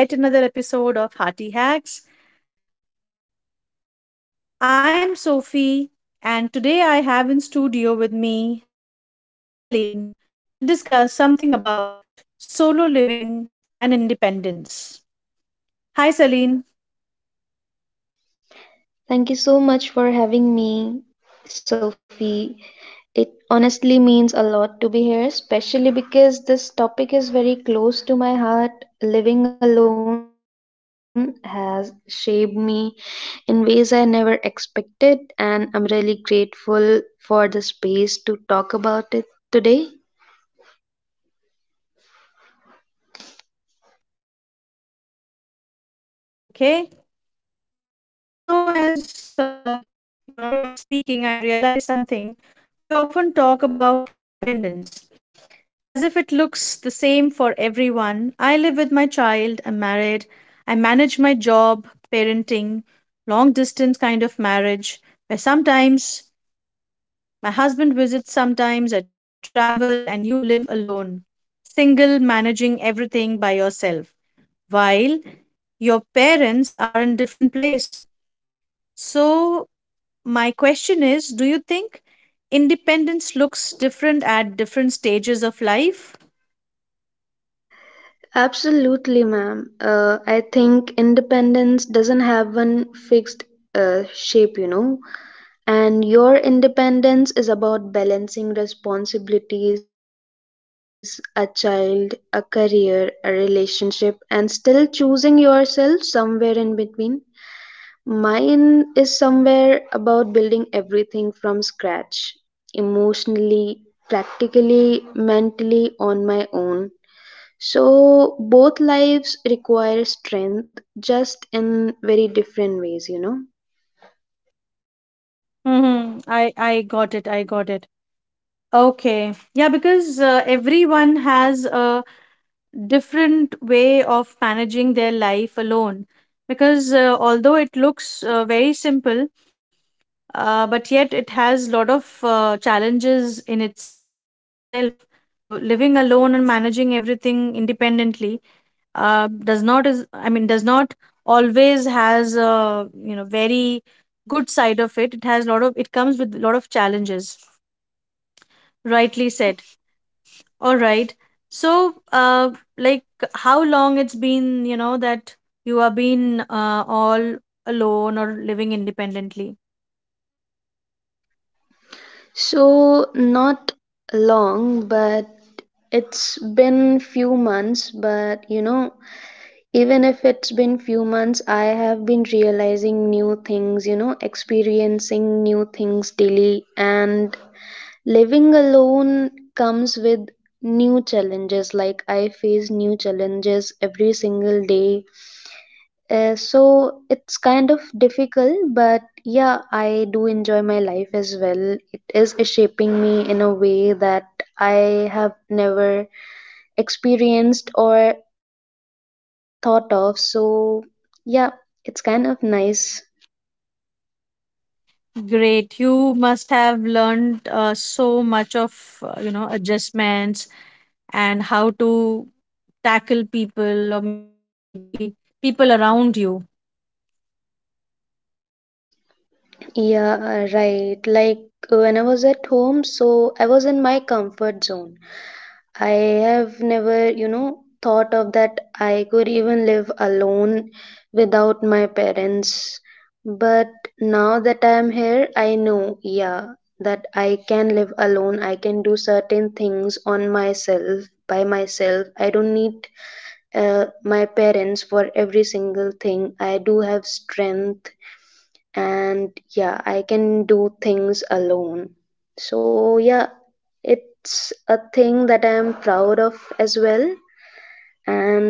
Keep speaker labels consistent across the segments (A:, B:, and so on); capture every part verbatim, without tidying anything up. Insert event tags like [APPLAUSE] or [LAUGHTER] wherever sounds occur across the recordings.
A: Hello and welcome to yet another episode of Hearty Hacks. I'm Sophie and today I have in studio with me Celine to discuss something about solo living and independence. Hi Celine.
B: Thank you so much for having me, Sophie. It honestly means a lot to be here, especially because this topic is very close to my heart. Living alone has shaped me in ways I never expected, and I'm really grateful for the space to talk about it today.
A: All right, okay. So as you know as uh, you know you were speaking I realized something. We often talk about independence as if it looks the same for everyone. I live with my child, I'm married, I manage my job, parenting, long distance kind of marriage, where sometimes my husband visits, sometimes I travel, and you live alone, single, managing everything by yourself, while your parents are in different place. So, my question is do you think independence looks different at different stages of life?
B: Absolutely, ma'am. Uh, I think independence doesn't have one fixed uh, shape, you know. And your independence is about balancing responsibilities, a child, a career, a relationship, and still choosing yourself somewhere in between. Mine is somewhere about building everything from scratch, emotionally, practically, mentally, on my own. So, both lives require strength, just in very different ways, you know.
A: Mm-hmm. I I got it. I got it. Okay. Yeah, because uh, everyone has a different way of managing their life alone. Because uh, although it looks uh, very simple, uh, but yet it has lot of uh, challenges in itself. So living alone and managing everything independently uh, does not is I mean does not always has a you know very good side of it, it has a lot of, it comes with a lot of challenges, rightly said. All right, so uh like, how long it's been, you know, that you have been uh, all alone or living independently?
B: So not long, but it's been few months, but you know, even if it's been few months, I have been realizing new things, you know, experiencing new things daily and living alone comes with new challenges. Like I face new challenges every single day, uh, so it's kind of difficult, but yeah, I do enjoy my life as well. It is shaping me in a way that I have never experienced or thought of. So yeah, it's kind of nice.
A: Great, you must have learned uh, so much of uh, you know, adjustments and how to tackle people or maybe people around you.
B: Yeah, uh, right. Like when I was at home, so I was in my comfort zone. I have never, you know, thought of that I could even live alone without my parents. But now that I am here, I know, yeah, that I can live alone. I can do certain things on myself, by myself. I don't need uh, my parents for every single thing. I do have strength, and yeah, I can do things alone. So yeah, it's a thing that I am proud of as well.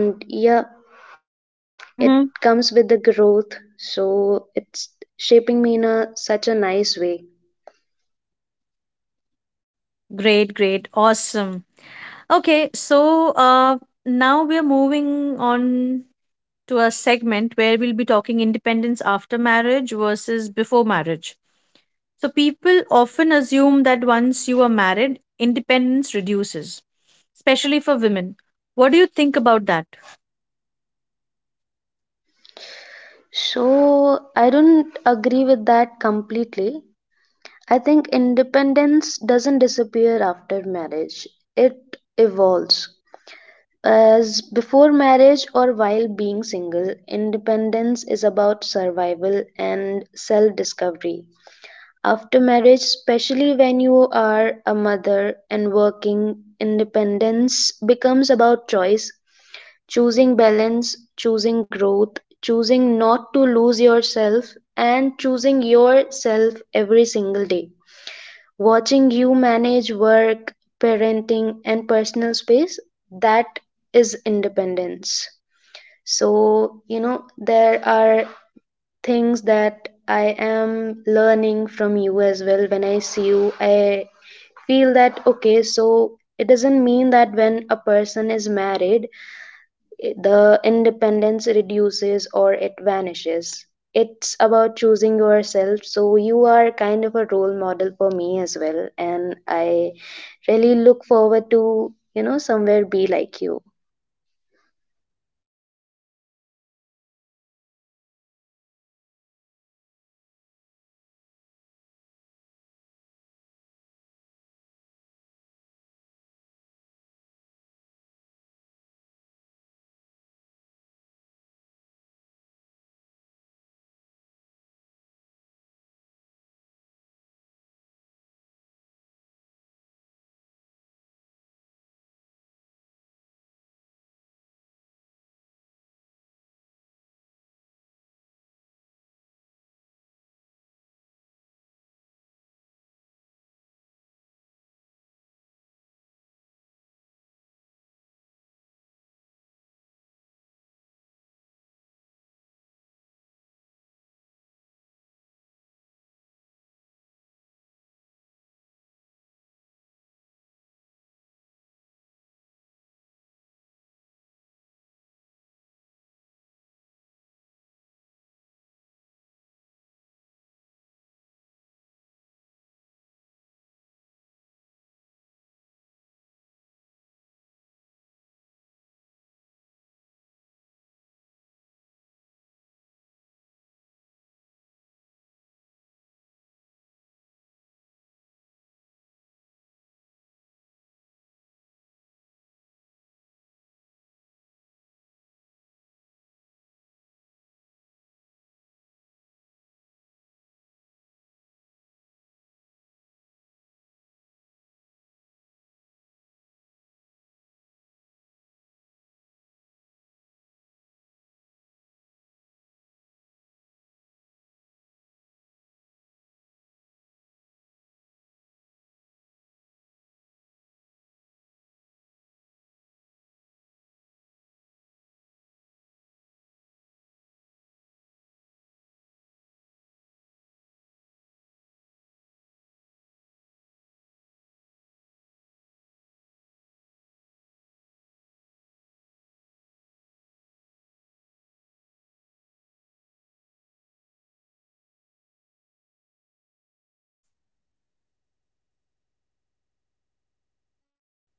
B: And yeah, it
A: Mm-hmm.
B: comes with the growth, so it's shaping me in a such a nice way.
A: Great, great, awesome. Okay, so uh, now we are moving on to a segment where we'll be talking independence after marriage versus before marriage. So people often assume that once you are married, independence reduces, especially for women. What do you think about that?
B: So I don't agree with that completely. I think independence doesn't disappear after marriage, it evolves. As before marriage or while being single, independence is about survival and self discovery. After marriage, especially when you are a mother and working, independence becomes about choice, choosing balance, choosing growth, choosing not to lose yourself, and choosing yourself every single day. Watching you manage work, parenting, and personal space, that is independence. So, you know, there are things that I am learning from you as well. When I see you, I feel that, okay, so it doesn't mean that when a person is married, the independence reduces or it vanishes. It's about choosing yourself. So, you are kind of a role model for me as well. And I really look forward to, you know, somewhere be like you.
A: Ah, thank you, thank you so much for saying that. It That means a lot. So yeah, I mean, uh, I have seen you as well working uh, and managing everything independently. So you have really managed yourself uh, from day one and now. Uh, you know, we, you very calmly uh, enter the uh, workplace and then you do your work very quietly and very efficiently. Quietly I mean, you know, you don't um, uh, show that, you know, you're doing a lot of work, although it has, the work which you do ha- involves a lot of uh, patience and consistency. So you also do the same way, and uh, yeah, so we all learn from each other, so yes. Okay, going ahead, um loneliness versus responsibility. I often hear people say at least you are not alone, you have a child, and people tell you you are independent because you you live alone, but the truth is both lives lives come with their own emotional weight. So how do you experience that?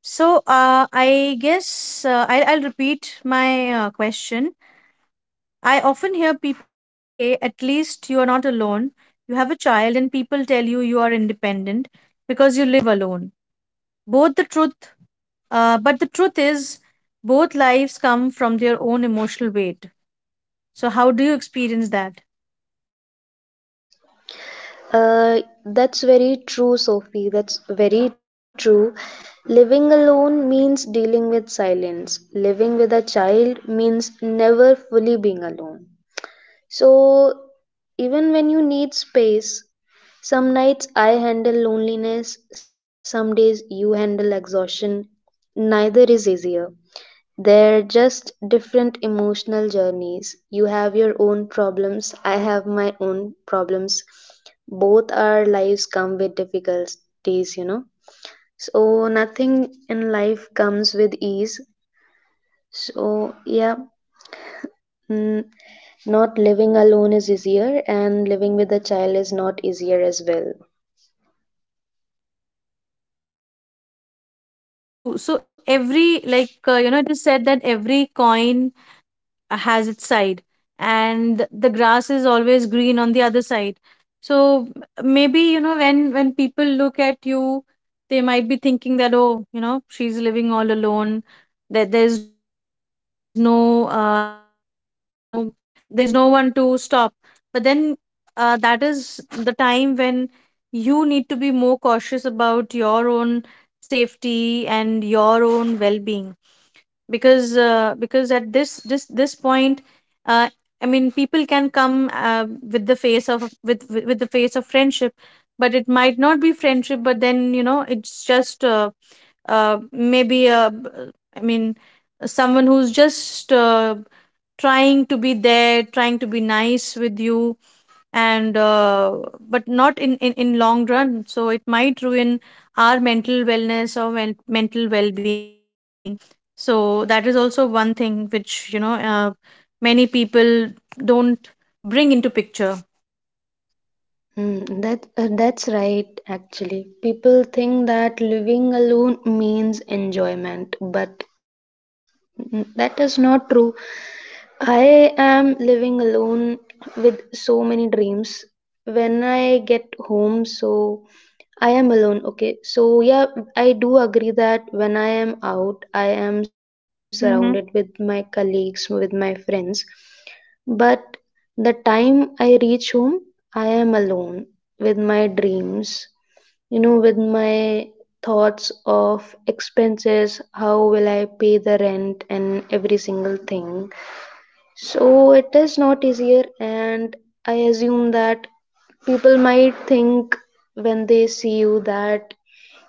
A: So uh, I guess uh, I, I'll repeat my uh, question. I often hear people say at least you are not alone, you have a child, and people tell you you are independent because you live alone. Both the truth Uh, but the truth is, both lives come from their own emotional weight. So, how do you experience that?
B: Uh, that's very true, Sophie. That's very true. Living alone means dealing with silence. Living with a child means never fully being alone. So, even when you need space, some nights I handle loneliness, some days you handle exhaustion. Neither is easier. They're just different emotional journeys. You have your own problems, I have my own problems. Both our lives come with difficulties, you know. So, nothing in life comes with ease. So, yeah. Mm, not living alone is easier, and living with a child is not easier as well.
A: Yeah, true. So, every, like, uh, you know, it is said that every coin uh, has its side and the grass is always green on the other side. So maybe, you know, when when people look at you, they might be thinking that oh, you know, she's living all alone, that there's no uh, hassle, there is no, there's no one to stop. But then uh, that is the time when you need to be more cautious about your own safety and your own well-being, because uh, because at this this this point, uh, I mean, people can come uh, with the face of, with with with the face of friendship, but it might not be friendship. But then, you know, it's just uh, uh, maybe uh, I mean, someone who's just uh, trying to be there, trying to be nice with you, and uh, but not in, in in long run, so it might ruin our mental wellness or men- mental well-being. So that is also one thing which, you know, uh, many people don't bring into picture.
B: Mm, that uh, that's right actually. People think that living alone means enjoyment, but mm, that is not true. I am living alone with so many dreams. When I get home, so I am alone. Okay. So, yeah, I do agree that when I am out, I am surrounded
A: Mm-hmm,
B: with my colleagues, with my friends. But the time I reach home, I am alone with my dreams, you know, with my thoughts of expenses, how will I pay the rent, and every single thing. So it is not easier, and I assume that people might think when they see you that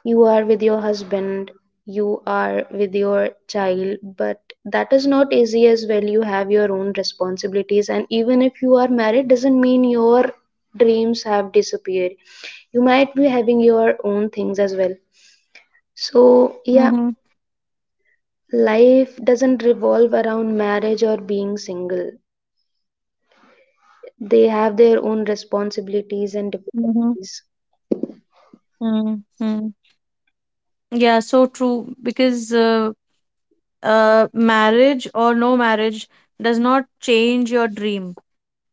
B: you are with your husband, you are with your child, but that is not easy as well. You have your own responsibilities, and even if you are married, doesn't mean your dreams have disappeared. You might be having your own things as well. So, yeah,
A: mm-hmm,
B: life doesn't revolve around marriage or being single. They have their own responsibilities and
A: mm-hmm,
B: difficulties.
A: mm-hmm. Yeah, so true, because uh, uh, marriage or no marriage does not change your dream,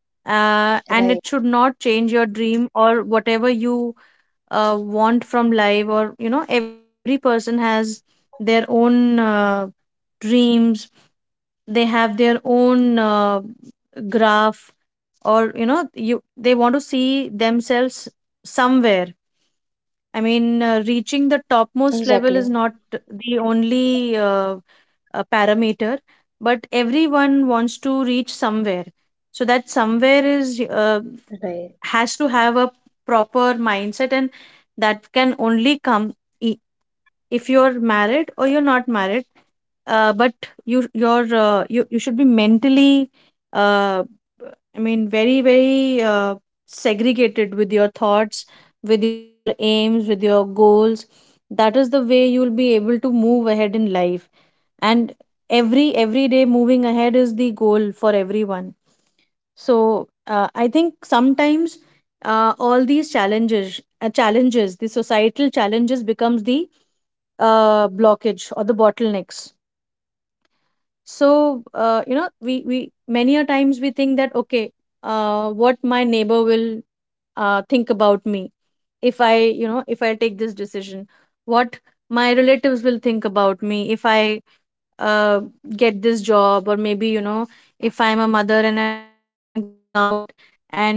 A: uh, and it should
B: Right,
A: not change your dream or whatever you uh, want from life. Or, you know, every person has their own uh, dreams, they have their own uh, graph, or, you know, you they want to see themselves somewhere. I
B: exactly.
A: mean, uh, reaching the topmost level is not the only uh, uh, parameter, but everyone wants to reach somewhere. So that somewhere
B: Right.
A: is, uh, has to have a proper mindset, and that can only come i- if you're married or you're not married. Uh, but you your uh, you you should be mentally uh, I mean, very very uh, segregated with your thoughts, with your aims, with your goals. That is the way you'll be able to move ahead in life. And every every day moving ahead is the goal for everyone. So uh, I think sometimes uh, all these challenges uh, challenges, the societal challenges, becomes the uh, blockage or the bottlenecks. So uh, you know, we we, many a times, we think that okay, uh, what my neighbor will uh, think about me if I, you know, if I take this decision, what my relatives will think about me if I uh, get this job. Or maybe, you know, if I'm a mother and I'm going out, and if,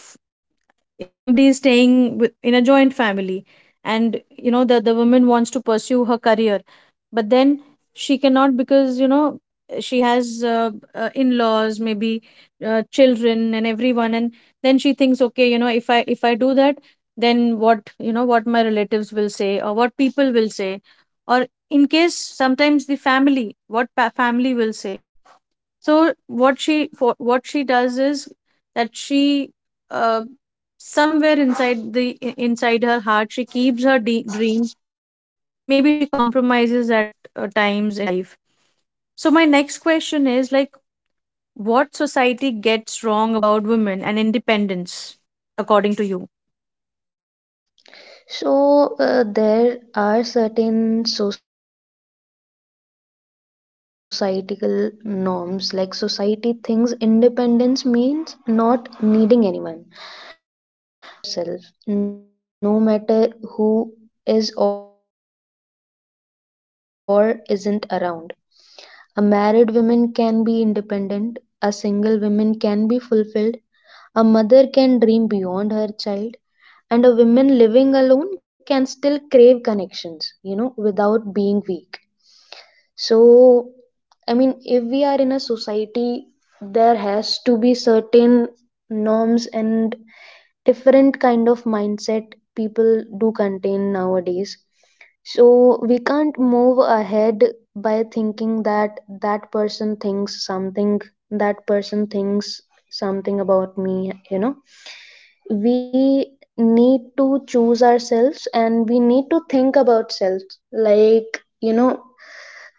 A: if if somebody is staying with, in a joint family, and, you know, the the woman wants to pursue her career, but then she cannot because, you know, she has uh, uh, in-laws, maybe uh, children and everyone. And then she thinks, okay, you know, if I, if I do that, then what, you know, what my relatives will say or what people will say, or in case sometimes the family, what pa- family will say. So what she for, what she does is that she uh, somewhere inside the i- inside her heart she keeps her de- dreams. Maybe she compromises at uh, times in life. So my next question is like, what society gets wrong about women and independence, according to you?
B: So uh, there are certain societal norms, like society thinks independence means not needing anyone. But real independence is about not losing yourself, no matter who is or isn't around. A married woman can be independent, a single woman can be fulfilled, a mother can dream beyond her child, and a woman living alone can still crave connections, you know, without being weak. So, I mean, if we are in a society, there has to be certain norms, and different kind of mindset people do contain nowadays, so we can't move ahead by thinking that that person thinks something, that person thinks something about me, you know. We need to choose ourselves and we need to think about self. Like, you know,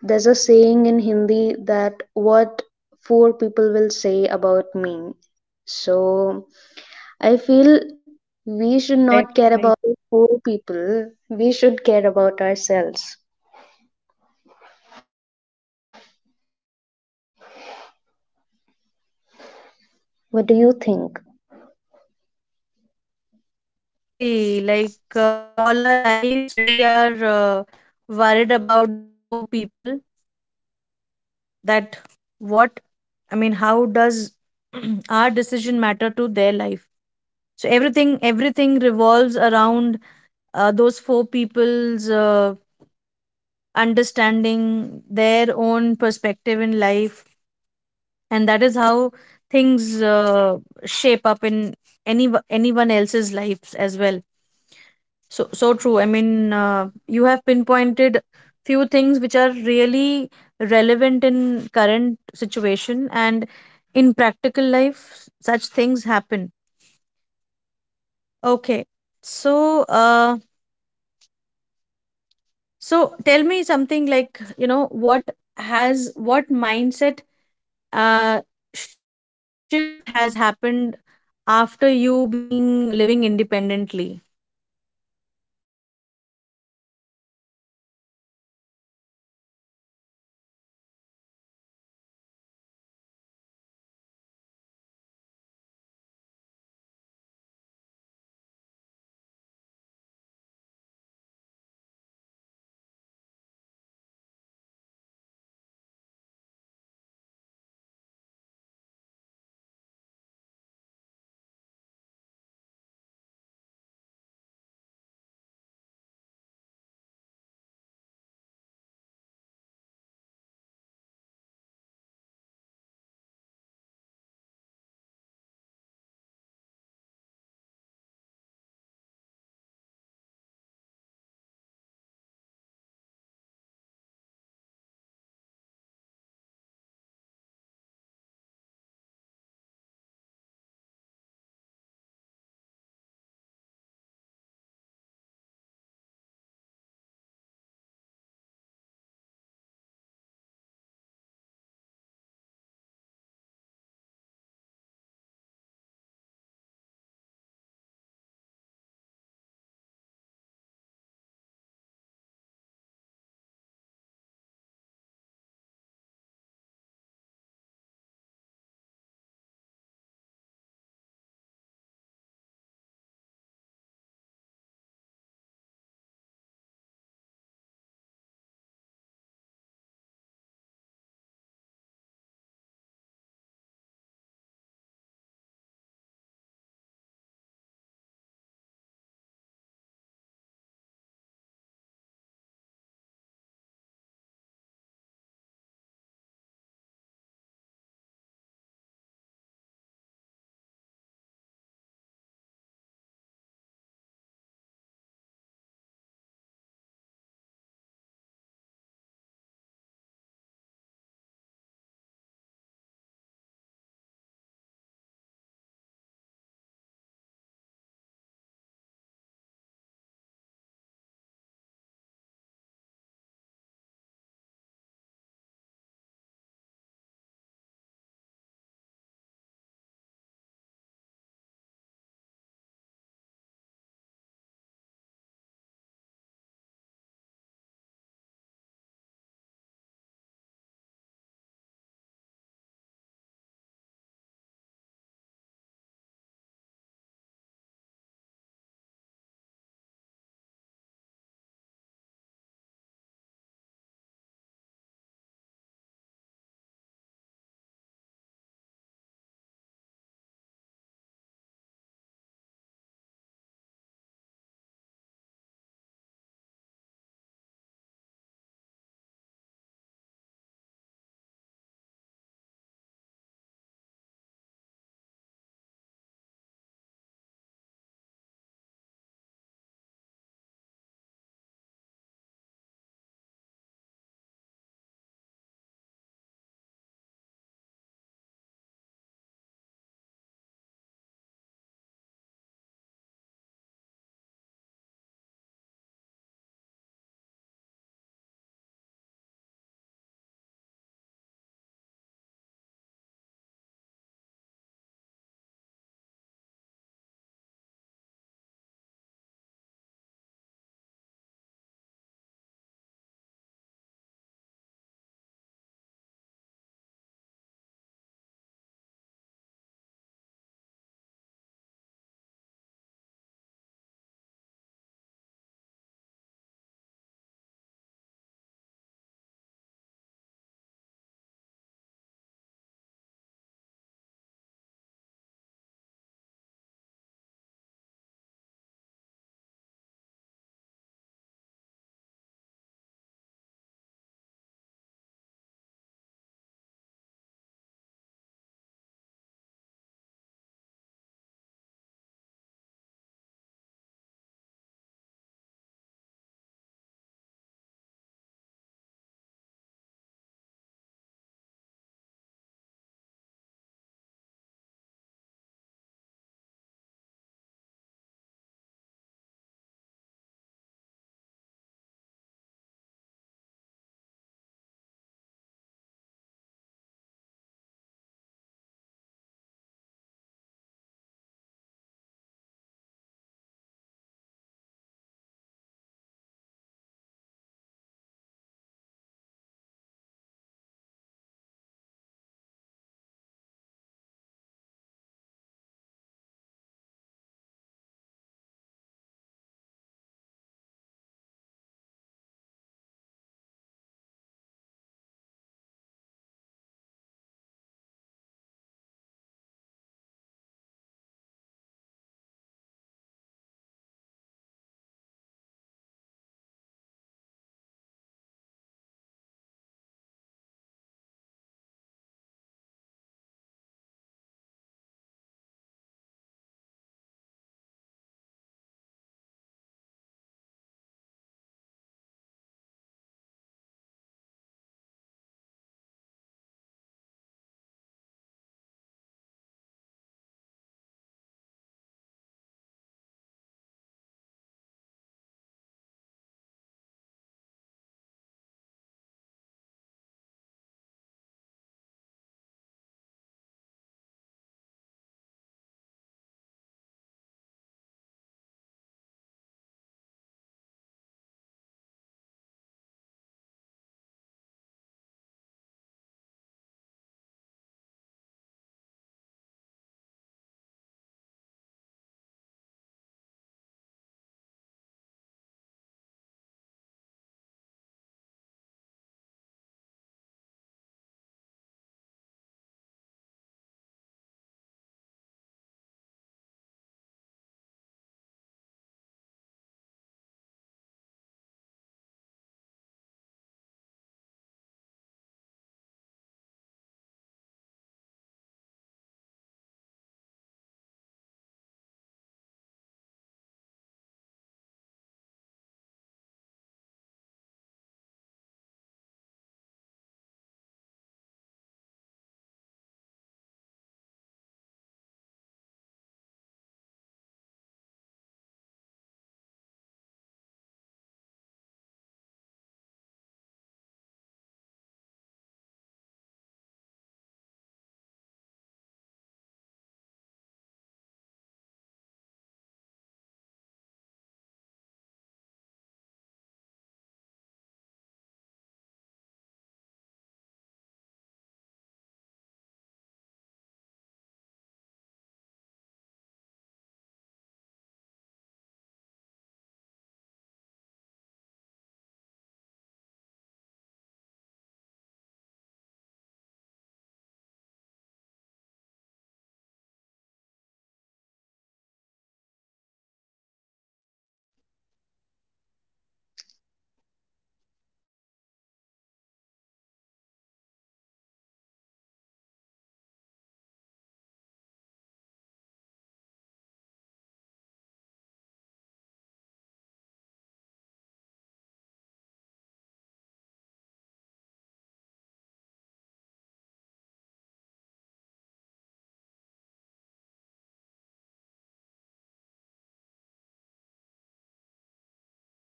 B: there's a saying in Hindi that what four people will say about me. So I feel
A: Mm,
B: we
A: right,
B: should
A: right.
B: not care about whole people. We should care about ourselves.
A: So true. So true. Yeah.
B: What do you think?
A: Yeah, definitely. Like uh, all our lives, we are uh, worried about those four people, that what, I mean, how does [CLEARS THROAT] our decision matter to their life? So everything everything revolves around uh, those four people's uh, understanding, their own perspective in life, and that is how things uh, shape up in any anyone else's lives as well. So so true. I mean, uh, you have pinpointed few things which are really relevant in current situation, and in practical life, such things happen. Okay. So uh, so tell me something, like, you know, what has, what mindset uh shift has happened after you being living independently? So now I'm going to ask you that, learning from each other's lives, how true is that when we are living independently? So, learning from each other's lives, what do you think? Are we learning from each other's lives? So my question was that, you know, we we live alone and we learn a lot from each other. So after living alone and on, like, you know, independently you're living, so what change that has brought to your mindset?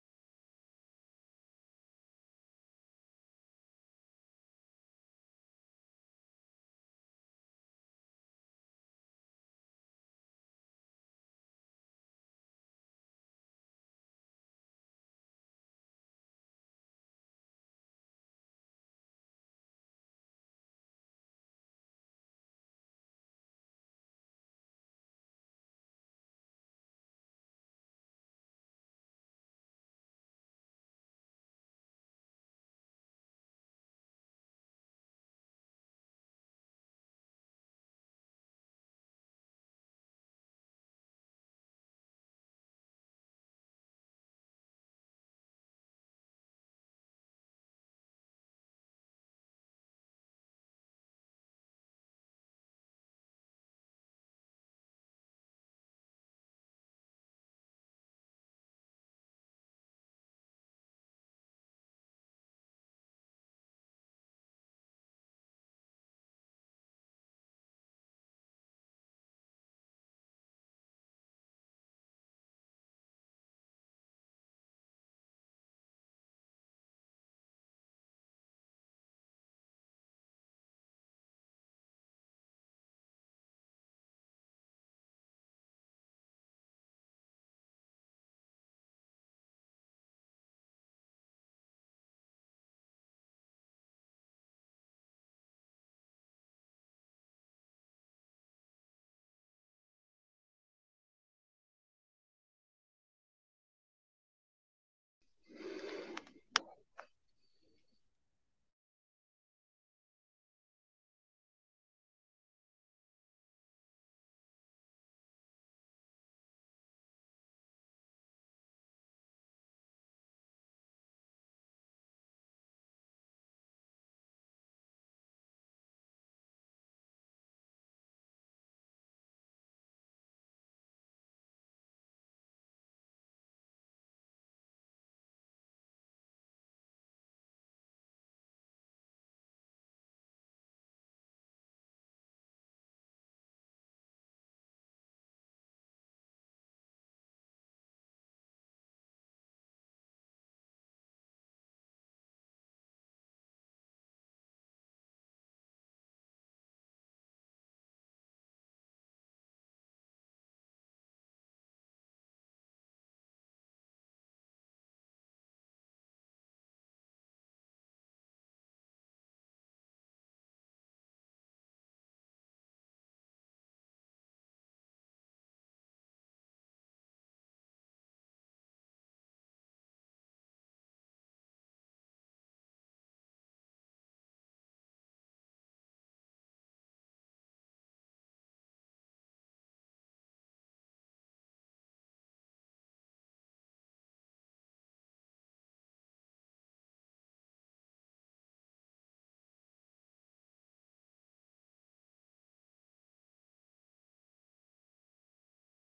A: I hope uh, you have been uh, facing this issue from a long time now, like, you know, I mean, managing everything on your own and things. All right, so we'll be discussing solo independence. All right, it was nice talking to you and uh, knowing your opinion about solo living and independence, because there are so many things that we have discussed, and uh, like the mindset, the career, how emotionally we are handling everything. And uh, it was superb, and you, we'll be listening to you again. Thank you so much for being in the show. Thank you, listeners. Bye bye.